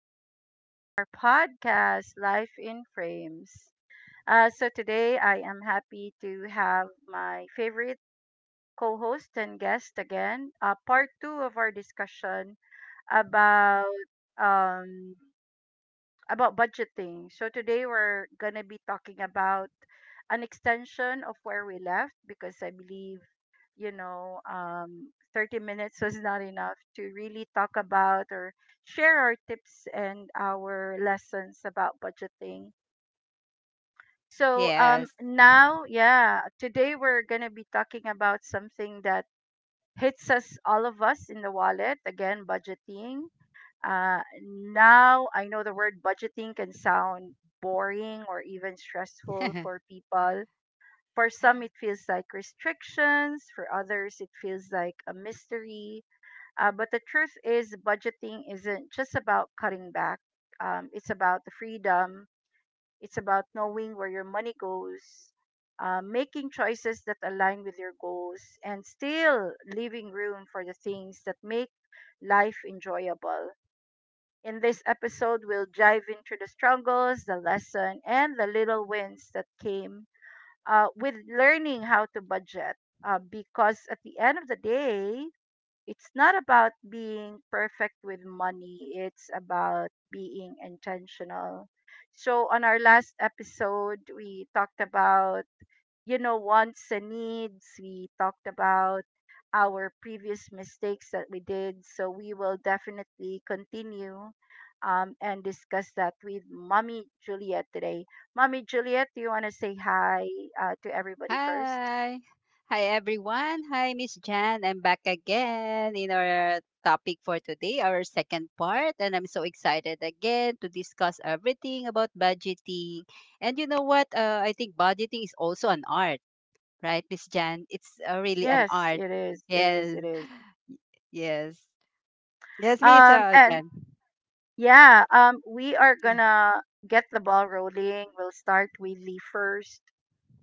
back to our podcast, Life in Frames. Today I am happy to have my favorite co host and guest again, part two of our discussion about um, about budgeting. So today we're gonna be talking about an extension of where we left because I believe 30 minutes was not enough to really talk about or share our tips and our lessons about budgeting. So Yes. now, yeah, today we're gonna be talking about something that hits us all of us in the wallet again budgeting. uh, Now I know the word budgeting can sound boring or even stressful for people. For some, it feels like restrictions. For others, it feels like a mystery. But the truth is, budgeting isn't just about cutting back. It's about the freedom. It's about knowing where your money goes, making choices that align with your goals, and still leaving room for the things that make life enjoyable. In this episode, we'll dive into the struggles, the lesson, and the little wins that came with learning how to budget. Because at the end of the day, it's not about being perfect with money, it's about being intentional. So, on our last episode, we talked about, you know, wants and needs. We talked about our previous mistakes that we did. So we will definitely continue and discuss that with Mommy Juliet today. Mommy Juliet, do you want to say hi to everybody first? Hi. Hi, everyone. Hi, Miss Jan. I'm back again in our topic for today, our second part. And I'm so excited again to discuss everything about budgeting. And you know what? I think budgeting is also an art, right, Miss Jan? It's really an Yes, art. it is. It is. Yes. It is. Yes. Yes, Miss Um, uh, and Jan. yeah, we are Yeah. gonna get the ball rolling. We'll start with the first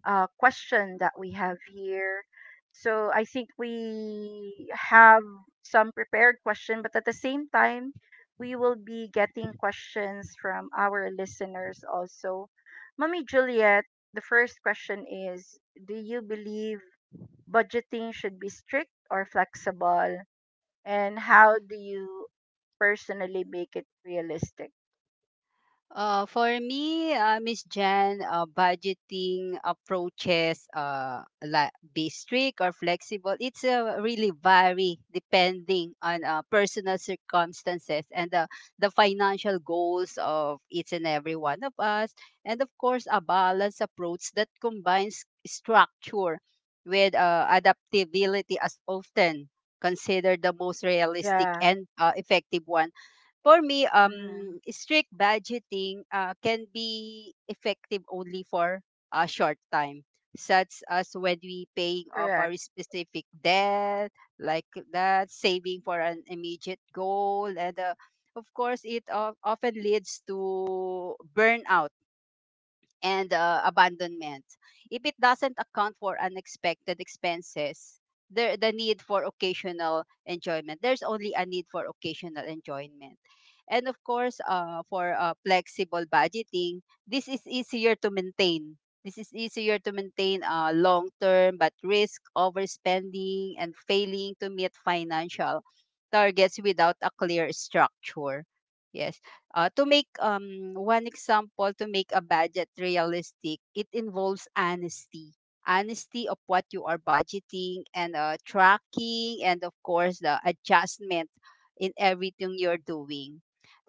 question that we have here. So I think we have some prepared question, but at the same time, we will be getting questions from our listeners also. Mommy Juliet, the first question is, do you believe budgeting should be strict or flexible? And how do you personally make it realistic? For me, Miss Jan, budgeting approaches, like be strict or flexible. It's really vary depending on personal circumstances and the financial goals of each and every one of us, and of course, a balanced approach that combines structure with adaptability as often considered the most realistic Yeah. and effective one for me. Mm, Strict budgeting can be effective only for a short time, such as when we paying off our correct. specific debt, like that, saving for an immediate goal, and of course, it of often leads to burnout and abandonment. If it doesn't account for unexpected expenses, the need for occasional enjoyment, there's only a need for occasional enjoyment. And of course, for flexible budgeting, this is easier to maintain. This is easier to maintain long term, but risk overspending and failing to meet financial targets without a clear structure. Yes. To make one example, to make a budget realistic, it involves honesty. Honesty of what you are budgeting and tracking, and of course, the adjustment in everything you're doing.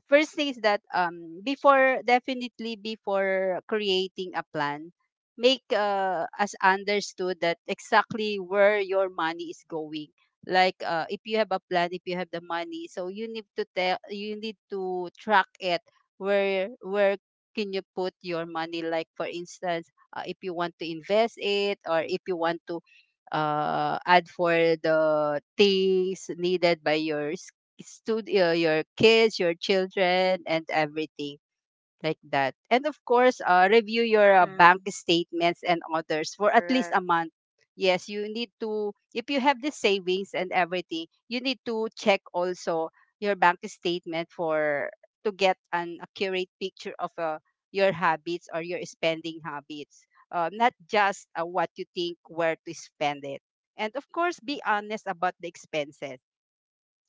First thing is that before definitely before creating a plan, make us understood that exactly where your money is going. Like if you have a plan, if you have the money, so you need to tell you need to track it where can you put your money, like for instance if you want to invest it or if you want to add for the things needed by yours studio, your kids, your children, and everything like that. And of course, review your bank Mm, statements and others for at least a correct. month. Yes, you need to, if you have the savings and everything, you need to check also your bank statement for to get an accurate picture of your habits or your spending habits. Not just what you think where to spend it. And of course, be honest about the expenses,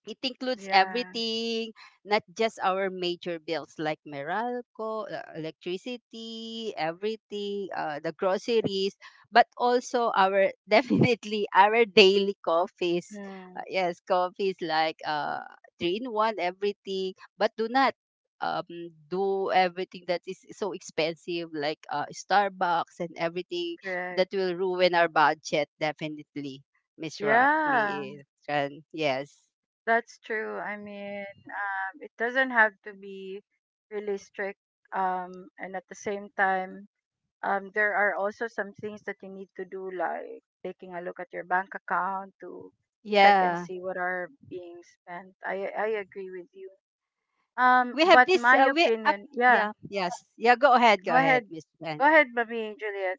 it includes Yeah. everything, not just our major bills like Meralco, electricity, everything, the groceries, but also our definitely our daily coffees. Mm, Yes, coffees like three in one, everything, but do not um do everything that is so expensive like Starbucks and everything correct. that will ruin our budget definitely. Miss Ron, Yeah, Miss Ron, yes. that's true. I mean, it doesn't have to be really strict. And at the same time, there are also some things that you need to do, like taking a look at your bank account to check and Yeah. see what are being spent. I agree with you. We have But this my we opinion, yeah. yeah, yes. Yeah, Go go ahead, ahead, Miss Jen. go ahead, Mami and Juliet.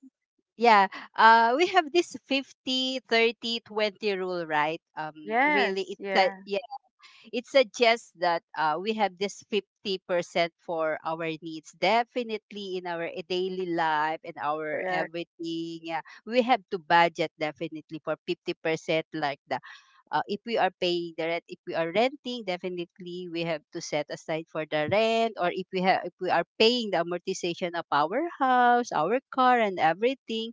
Yeah. Uh, we have this 50, 30, 20 rule, right? Really, Yes, it's a yeah, yeah, it suggests that we have this 50% for our needs definitely in our daily life and our correct. everything. Yeah. We have to budget definitely for 50%, like the if we are paying the rent, if we are renting definitely we have to set aside for the rent, or if we have if we are paying the amortization of our house, our car and everything,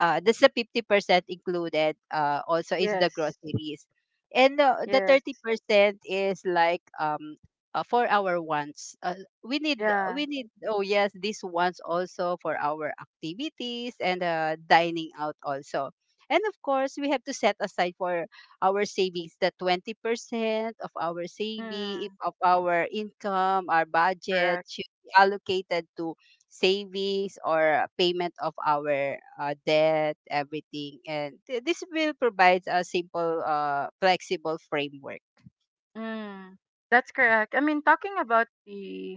that's the 50%, included also is the Yes, groceries. And the yes, 30% is like for our wants. Yeah. We need oh yes, these wants also for our activities and dining out also. And of course, we have to set aside for our savings, the 20% of our saving Mm, of our income, our budget correct. should be allocated to savings or payment of our debt, everything. And this will provides a simple, flexible framework. Mm, that's correct. I mean, talking about the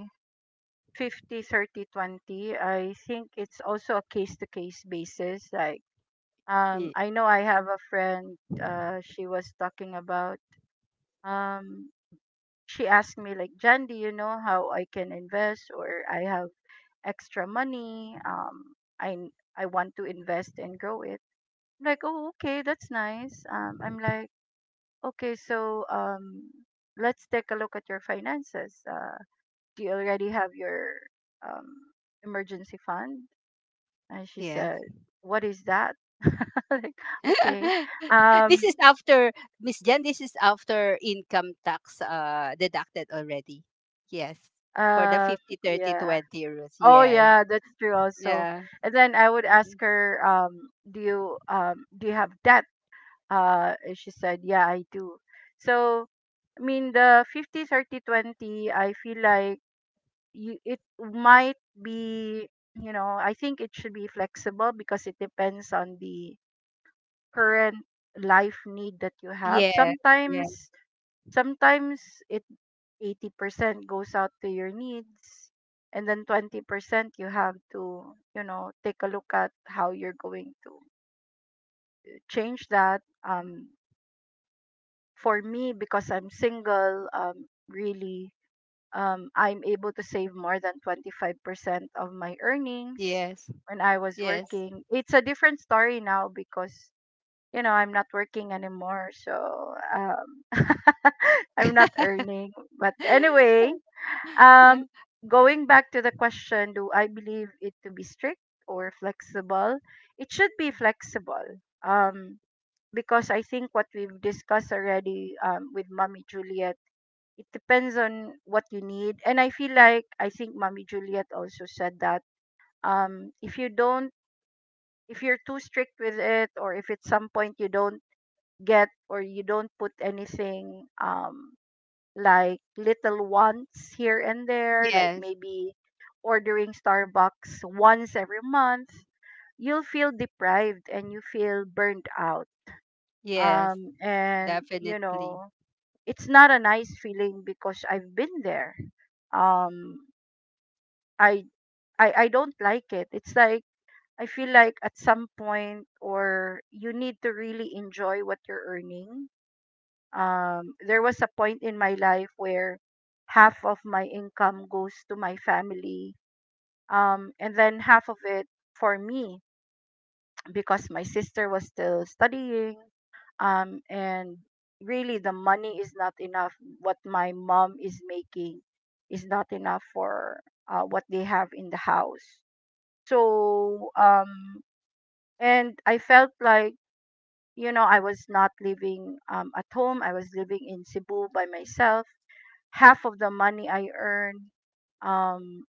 50, 30, 20, I think it's also a case to case basis. Like, Y- I know I have a friend, she was talking about, um, she asked me, like, Jan, do you know how I can invest or I have extra money? I want to invest and grow it. I'm like, oh, okay, that's nice. I'm like, okay, so, let's take a look at your finances. Do you already have your um, emergency fund? And she Yeah. said, what is that? Like, okay. Um, This is after, Miss Jan. This is after income tax deducted already. Yes. For the Uh. 50, 30, Yeah. 20 30, rules. Oh, Yes. yeah, that's true also. Yeah. And then I would ask her, do you have debt? And she said, yeah, I do. So, I mean, the 50 30 20. I feel like it might be, you know, I think it should be flexible because it depends on the current life need that you have Yes. Yes. sometimes it 80% goes out to your needs and then 20% you have to, you know, take a look at how you're going to change that. um for me, because I'm single, really I'm able to save more than 25% of my earnings Yes. when I was Yes. working. It's a different story now because, you know, I'm not working anymore, so I'm not earning, but anyway, um Yeah. going back to the question, do I believe it to be strict or flexible? It should be flexible, um because I think what we've discussed already with Mommy Juliet, it depends on what you need. And I feel like, I think Mommy Juliet also said that um if you don't if you're too strict with it, or if at some point you don't get or you don't put anything, like little wants here and there, like Yes. maybe ordering Starbucks once every month, you'll feel deprived and you feel burned out. Yes. And you Definitely. know, it's not a nice feeling because I've been there. Um I I don't like it. It's like I feel like at some point or you need to really enjoy what you're earning. There was a point in my life where half of my income goes to my family, and then half of it for me, because my sister was still studying, and really the money is not enough. What my mom is making is not enough for what they have in the house, so and I felt like, you know, I was not living, at home. I was living in Cebu by myself. Half of the money I earn, um,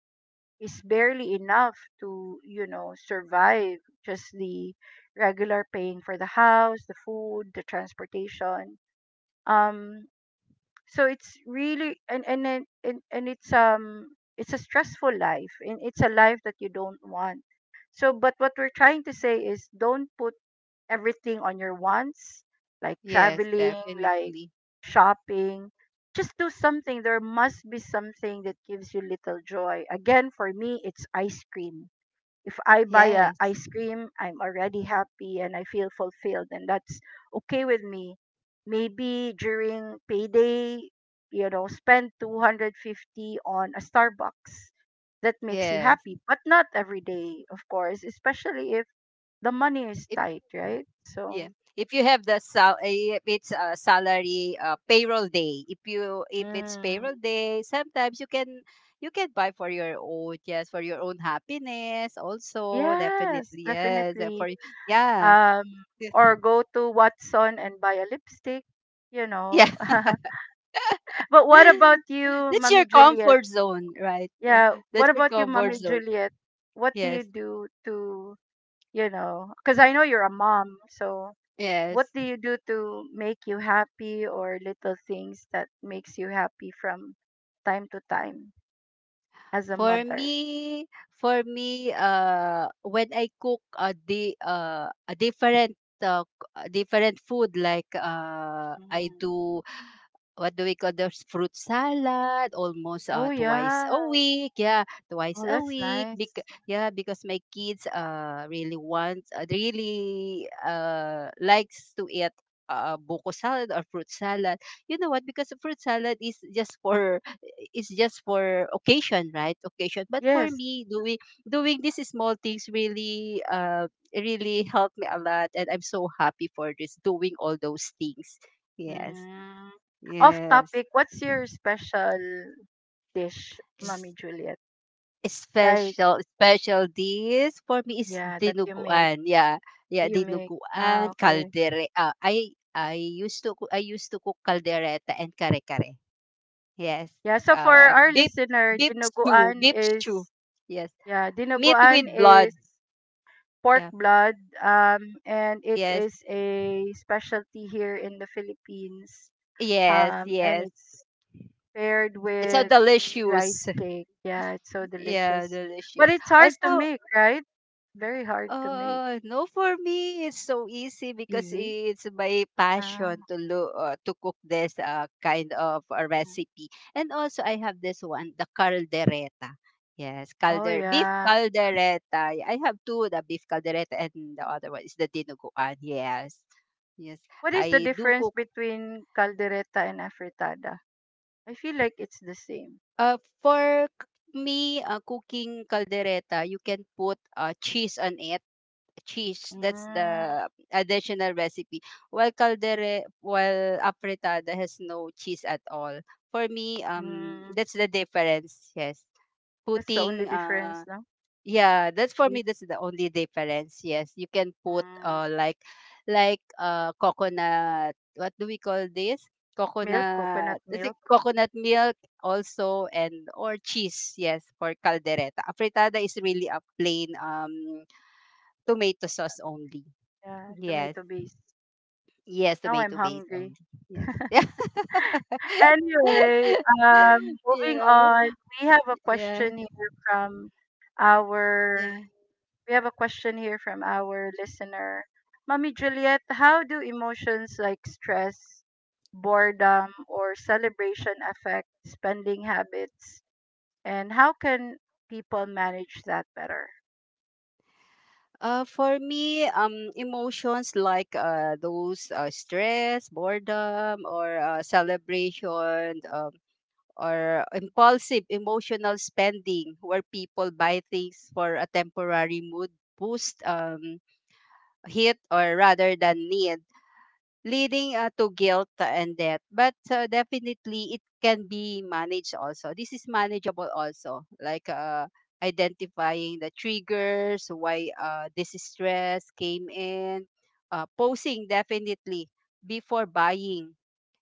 is barely enough to, you know, survive just the regular paying for the house, the food, the transportation. Um, so it's really, and it's a stressful life, and it's a life that you don't want. So, but what we're trying to say is don't put everything on your wants, like Yes, traveling, like definitely. shopping. Just do something. There must be something that gives you little joy. Again, for me, it's ice cream. If I buy a Yes. ice cream, I'm already happy and I feel fulfilled, and that's okay with me. Maybe during payday, you know, spend 250 on a Starbucks that makes you Yes. happy, but not every day, of course, especially if the money is If tight, right? yeah, So, if you have the if it's a salary payroll day, if you if it's mm, payroll day, sometimes you can buy for your own, yes, for your own happiness also, yes, definitely yes definitely. for yeah Um, or go to Watson and buy a lipstick, you yeah know. But what about you, that's your Mommy Juliet? comfort zone, right? Yeah, That's what your about you, comfort Mommy zone. Juliet? What do you Yes. do to, you know, because I know you're a mom, so what Yes. do you do to make you happy, or little things that makes you happy from time to time as a For mother? me, for me, when I cook a a different a different food, like I Mhm. do what do we call this fruit salad almost Oh, twice yeah. a week, yeah, twice Oh, a that's week. Nice. Yeah, because my kids really want really likes to eat buko salad or fruit salad, you know what, because fruit salad is just for, it's just for occasion, right? Occasion. But for Yes. me, doing these small things really really helped me a lot and I'm so happy for this, doing all those things. Yes. Mm. Off Yes. topic, what's your special dish, S- Mommy Juliet? Like, Special, special dish for me is yeah, that you make. dinuguan. Yeah. Yeah, You make. Ah, dinuguan, okay. caldere, I used to I used to cook caldereta and kare kare. Yes. Yeah, so for Uh, our beef listener, beef stew, dinuguan beef stew. is, Yes. yeah, Meat with dinuguan blood. is pork Yeah. blood, and it Yes. is a specialty here in the Philippines. Yes. And Yes. it's paired It's so with delicious. rice cake. Yeah, it's so Yeah, delicious. But delicious. it's hard to Also, make, right? Very hard to make. No, for me it's so easy because Easy. it's my Uh, passion to look to cook this kind of a recipe. And also, I have this one, the caldereta. Yes, oh calder beef yeah. caldereta. Yeah, I have two, the beef caldereta and the other one is the dinuguan. Yes, yes. What is the I do difference cook. between caldereta and afritada? I feel like it's the same. For me, cooking caldereta, you can put cheese on it. Cheese, that's Mm, the additional recipe. While caldere, while apretada has no cheese at all. For me, mm, that's the difference. Yes, that's the only putting difference, no? yeah, that's for Cheese, me. That's the only difference. Yes, you can put mm, like coconut. What do we call this? milk, coconut Coconut. Is it milk, coconut milk also and or cheese? Yes, for caldereta. A fritada is really a plain tomato sauce only. yeah, Yes, tomato base. yes, Now I'm tomato base only. hungry. Yes, yeah, Anyway, um, moving yeah, on, we have a yeah, question here from our yeah. we have a question here from our listener. Mommy Juliet, how do emotions like stress, boredom, or celebration affect spending habits? And how can people manage that better? For me, emotions like those stress, boredom, or celebration, or impulsive emotional spending, where people buy things for a temporary mood boost, hit, or rather than need, leading to guilt and debt. But definitely, it can be managed also. This is manageable also, like identifying the triggers, why this stress came in, posing definitely before buying,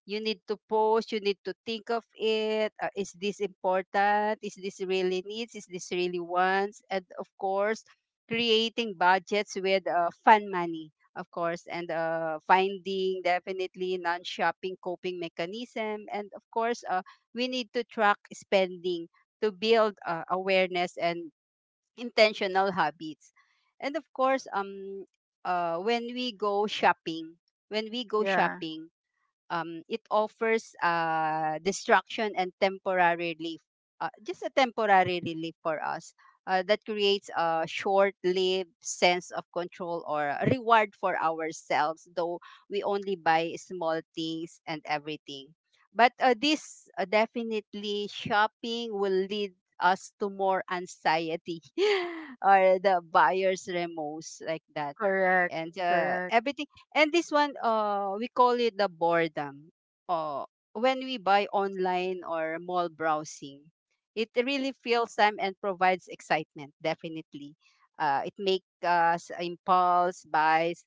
you need to post, you need to think of it. Is this important? Is this really needs? Is this really wants? And of course, creating budgets with fun money, of course, and finding definitely non shopping coping mechanism. And of course, we need to track spending to build awareness and intentional habits. And of course, when we go shopping, when we go Yeah, shopping, it offers distraction and temporary relief, just a temporary relief for us that creates a short-lived sense of control or a reward for ourselves, though we only buy small things and everything. But this definitely shopping will lead us to more anxiety or the buyer's remorse, like that correct, and correct. everything. And this one, we call it the boredom. Uh, when we buy online or mall browsing, it really fills time and provides excitement. Definitely, it makes us impulse buys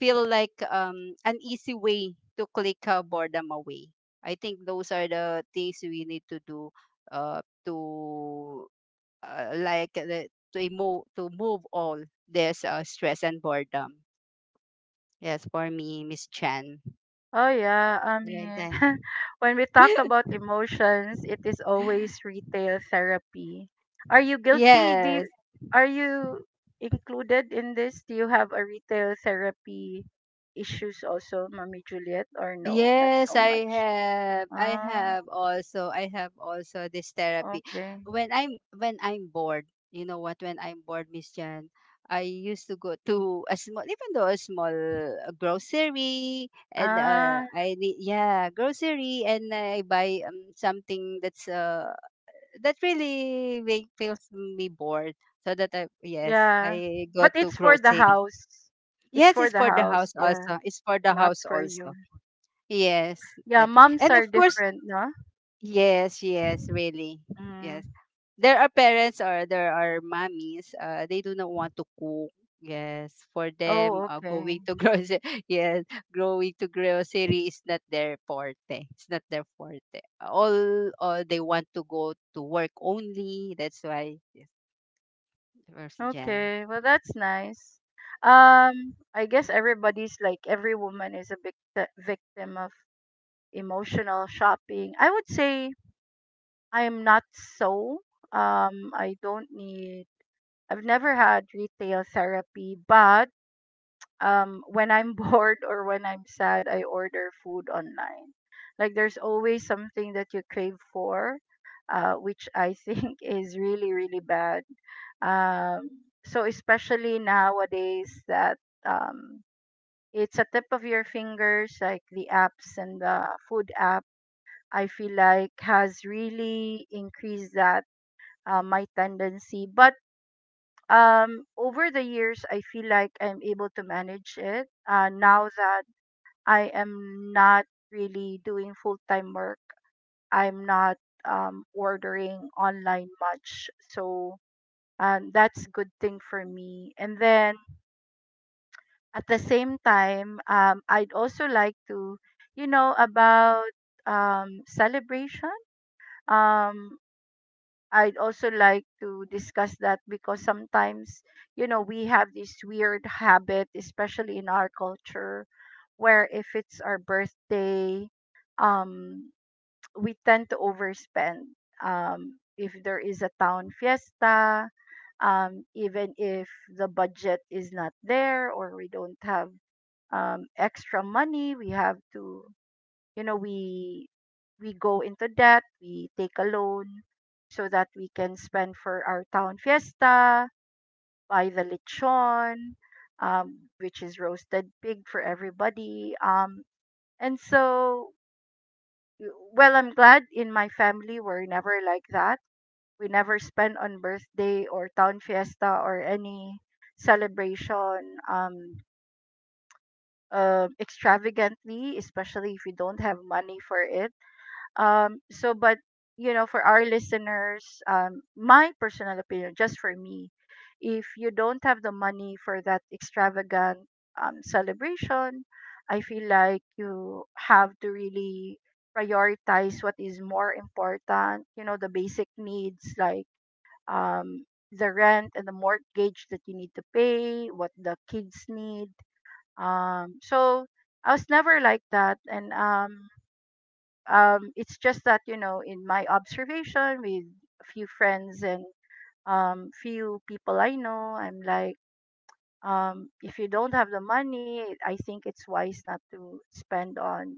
feel like an easy way to click boredom away. I think those are the things we need to do uh, to like the, to move all this stress and boredom. Yes, for me, Miss Chan. Oh yeah, I Right mean, there. when we talk about emotions, it is always retail therapy. Are you guilty? Yes. Are you included in this? Do you have a retail therapy issues also, Mommy Juliet, or no? Not Yes, so I much. have. I Ah, have also. I have also this therapy. okay. When I'm bored, you know what? When I'm bored, Miss Jan, I used to go to a small, even though a small grocery, and Ah, I need yeah grocery, and I buy something that's that really make feels me bored. So that I yes, yeah. I go But to it's for the grocery. house. It's Yes, for it's the for the house, house yeah, also. It's for the not house for also. you. Yes, Yeah, definitely. moms And of are course, different, no? yes, yes, really. Mm. Yes. There are parents or there are mommies, they do not want to cook. Yes, for them, Oh, okay. going to grocery, yes, going to grocery is not their forte. It's not their forte. All they want to go to work only. That's why, yes, first Jan. Okay, well that's nice. I guess everybody's like every woman is a victim of emotional shopping. I would say I am not so. I don't need. I've never had retail therapy, but when I'm bored or when I'm sad, I order food online. Like there's always something that you crave for, which I think is really really bad. Um, so especially nowadays that um, it's a tip of your fingers, like the apps and the food app. I feel like has really increased that. My tendency, but over the years I feel like I'm able to manage it now that I am not really doing full time work. I'm not ordering online much. So that's good thing for me. And then at the same time, I'd also like to, you know, about celebration. Um, I'd also like to discuss that because sometimes, you know, we have this weird habit, especially in our culture, where if it's our birthday, um we tend to overspend. If there is a town fiesta, even if the budget is not there or we don't have extra money, we have to, you know, we go into debt, we take a loan so that we can spend for our town fiesta, buy the lechon, which is roasted pig for everybody, and so well, I'm glad in my family we're never like that. We never spend on birthday or town fiesta or any celebration extravagantly, especially if we don't have money for it. But you know, for our listeners, my personal opinion, just for me, if you don't have the money for that extravagant celebration, I feel like you have to really prioritize what is more important. You know, the basic needs like um, the rent and the mortgage that you need to pay, what the kids need. So I was never like that, and it's just that you know, in my observation with a few friends and few people I know. I'm like, if you don't have the money, I think it's wise not to spend on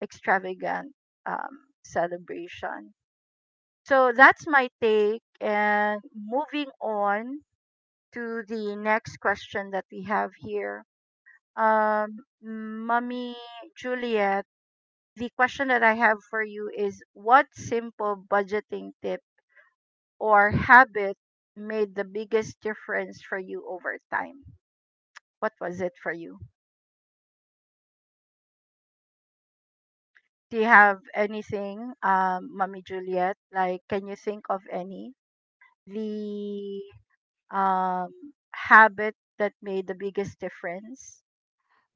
extravagant celebration. So that's my take, and moving on to the next question that we have here. um, Mummy Juliet, the question that I have for you is, what simple budgeting tip or habit made the biggest difference for you over time? What was it for you? Do you have anything, Mommy Juliet? Like, can you think of any? The um, habit that made the biggest difference?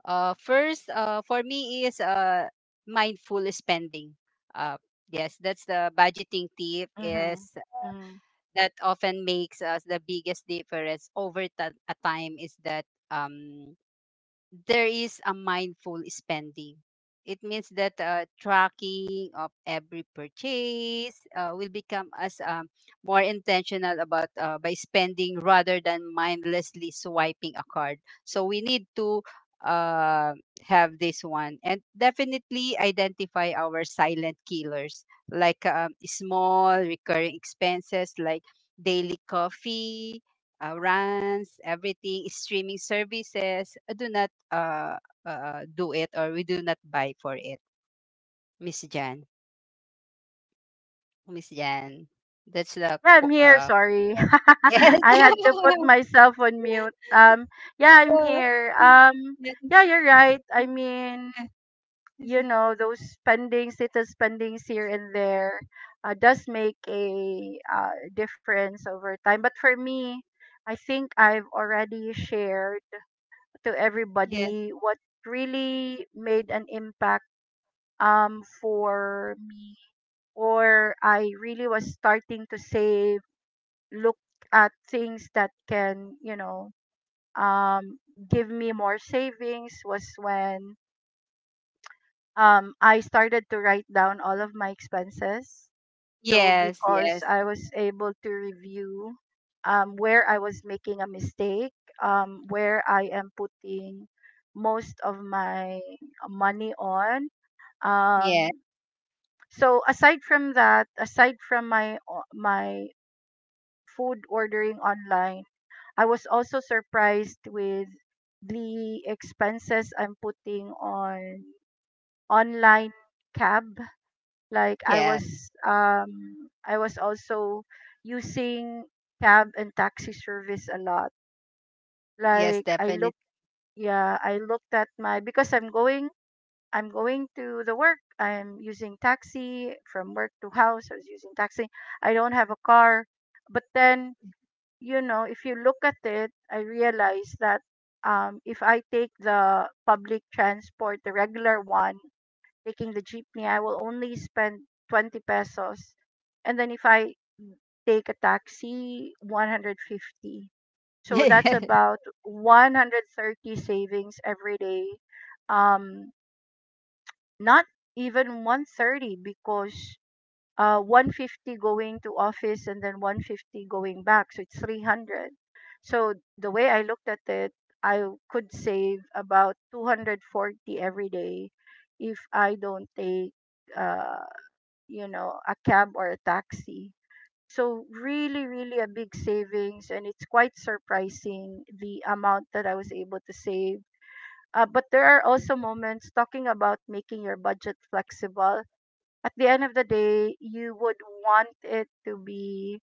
First, for me is mindful spending. Uh, yes, that's the budgeting tip Mm-hmm. is that often makes us the biggest difference over a time is that um, there is a mindful spending. It means that tracking of every purchase will become as more intentional about by spending rather than mindlessly swiping a card. So we need to uh, have this one and definitely identify our silent killers like small recurring expenses like daily coffee runs everything streaming services do not do it or we do not buy for it. Miss jan miss jan, that's the Yeah, I'm here. Sorry. yes I had to put myself on mute. Yeah, I'm Uh, here. Yeah, yes, you're right. I mean, yes, you know, those spendings, little spendings here and there, does make a difference over time. But for me, I think I've already shared to yes, everybody what really made an impact for me, or I really was starting to save, look at things that can, you know, um, give me more savings, was when I started to write down all of my expenses. So, yes, because yes. I was able to review where I was making a mistake, where I am putting most of my money on. Yes. Um, so aside from that, aside from my my food ordering online, I was also surprised with the expenses I'm putting on online cab. Like I Yeah. was um I was also using cab and taxi service a lot. Yes, Like I definitely. looked, yeah, I looked at my, because I'm going to the work. I'm using taxi from work to house. I was using taxi. I don't have a car. But then, you know, if you look at it, I realize that if I take the public transport, the regular one, taking the jeepney, I will only spend 20 pesos. And then if I take a taxi, 150. So that's Yes. about 130 savings every day. Um, Not even 130, because 150 going to office, and then 150 going back, so it's 300. So the way I looked at it, I could save about 240 every day if I don't take uh, you know, a cab or a taxi. So really, really a big savings, and it's quite surprising the amount that I was able to save. But there are also moments, talking about making your budget flexible. At the end of the day, you would want it to be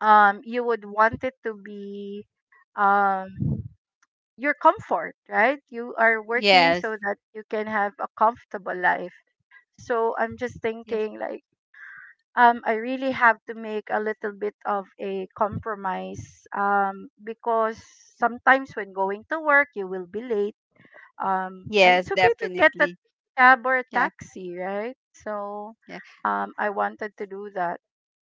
you would want it to be um your comfort, right? You are working Yes. so that you can have a comfortable life. So I'm just thinking like, I really have to make a little bit of a compromise, because sometimes when going to work you will be late. Yes, It's okay to get a definitely. cab or a Yeah. taxi, right? so Yeah. um, I wanted to do that.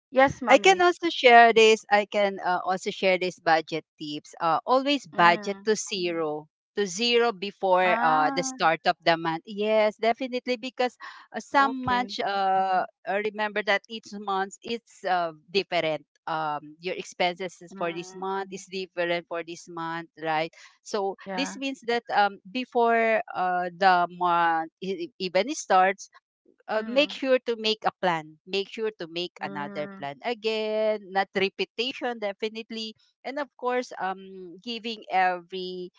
Yes, I can mommy. also share this. I can also share this budget tips. Always Mm. To zero before the Ah, start of the month. Yes, definitely, because okay. Remember that each month it's different. Your expenses is for this Mm. month is different for this month, right? So this Yeah. means that before the month even starts make Mm. sure to make a plan. Make sure to make another Mm. plan. Again, not repetition, definitely. And of course, giving every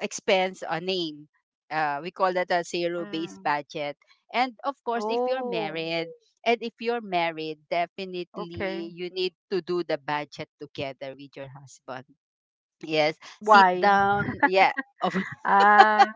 expense a name. We call that a zero based Mm. budget. And of course, if you're Oh, married, and if you're married, okay. definitely you need to do the budget together with your husband. Yes, sit Why? down. Yeah, of Ah,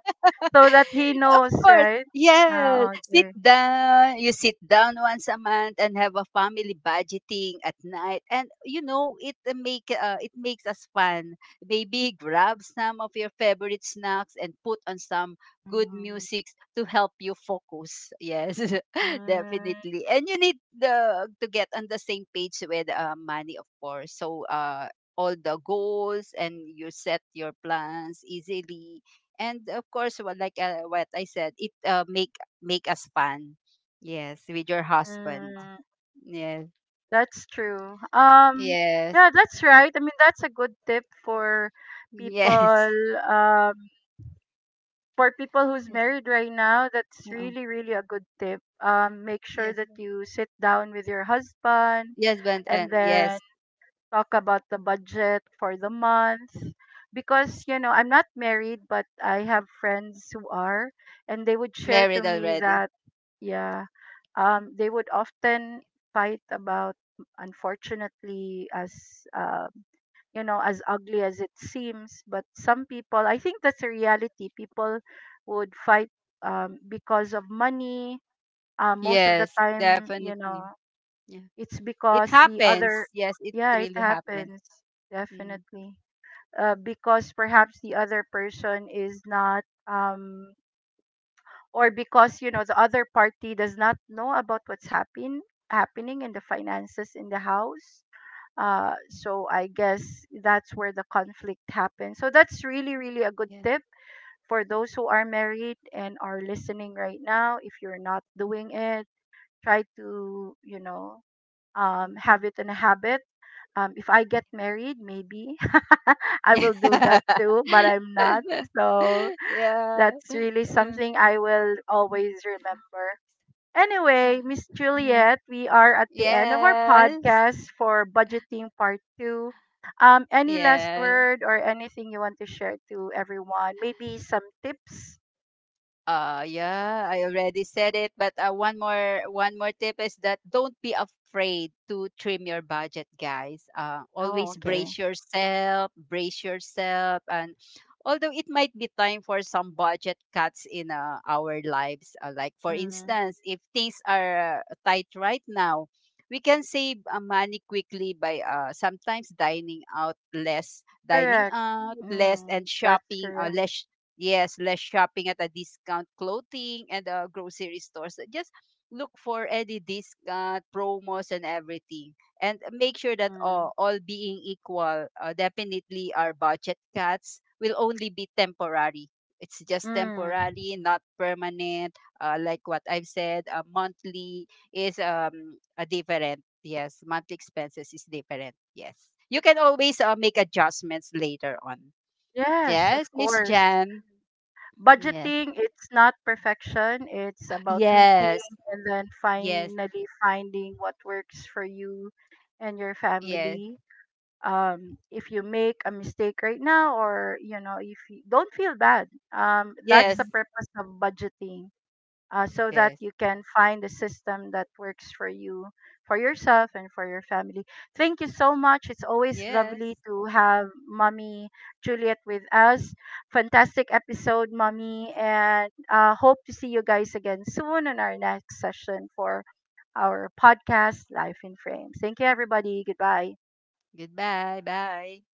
so that he of knows, course. right? Yeah. Ah, Sit okay. down. You sit down once a month and have a family budgeting at night. And you know, it make it makes us fun. Maybe grab some of your favorite snacks and put on some good Mm. music to help you focus. Yes, Mm. definitely. And you need the to get on the same page with money, of course. So all the goals and you set your plans easily, and of course what like what I said, it make us fun, yes, with your husband. Mm. Yes. That's true. Yes. Yeah, that's right. I mean, that's a good tip for Yes. people. Um, for people who's Yes. married right now, that's Oh, really, really a good tip. Make sure yes. that you sit down with your husband Yes but and and then yes. talk about the budget for the month. Because, Yes, you know, I'm not married, but I have friends who are, and they would share to married me already. that, yeah, they would often fight about, unfortunately, as um you know, as ugly as it seems, but some people, I think that's a reality. People would fight because of money, most of the Yes, time, you know. definitely. Yeah, It's it because the other, happens. Yes, it yeah, it really happens. happens, Mm, definitely. Because perhaps the other person is not or because, you know, the other party does not know about happening in the finances in the house. So I guess that's where the conflict happens. So that's really, really a good yeah. tip for those who are married and are listening right now. If you're not doing it, try to, you know, have it in a habit. If I get married, maybe I will do that Yeah. too, but I'm not. So Yeah. that's really Yeah. something I will always remember. Anyway, Miss Yeah. Yes. Juliet, we are at the end of our podcast for budgeting part two. Any last Yes. word or anything you want to share to everyone? Maybe some tips? Yeah, I already said it, but one more tip is that don't be afraid to trim your budget, guys. Oh, okay. Brace yourself, and although it might be time for some budget cuts in our lives, like for Mm, instance, if things are tight right now, we can save money quickly by sometimes dining correct. out less, Mm, and that's shopping correct. less. Yes, less shopping at a discount clothing and grocery stores. Just look for any discount, promos, and everything. And make sure that Mm, all being equal, definitely our budget cuts will only be temporary. It's just mm. temporary, not permanent. Like what I've said, monthly is a different. Yes, monthly expenses is different. Yes, you can always make adjustments later on. Yes, of Yes, Miss course. Jan. Yes. Budgeting, it's not perfection. It's about tweaking Yes. and then Yes. finally finding what works for you and your Yes. family. If you make a mistake right now, or you know, if you don't feel bad, that's Yes. the Mhm. purpose of budgeting, so that Yes. you can find a system that works for you, for yourself and for your family. Thank you so much. It's always Yes. lovely to have Mommy Juliet with us. Fantastic episode, Mommy, and hope to see you guys again soon in our next session for our podcast, Life in Frame. Thank you everybody. Goodbye. Goodbye. Bye.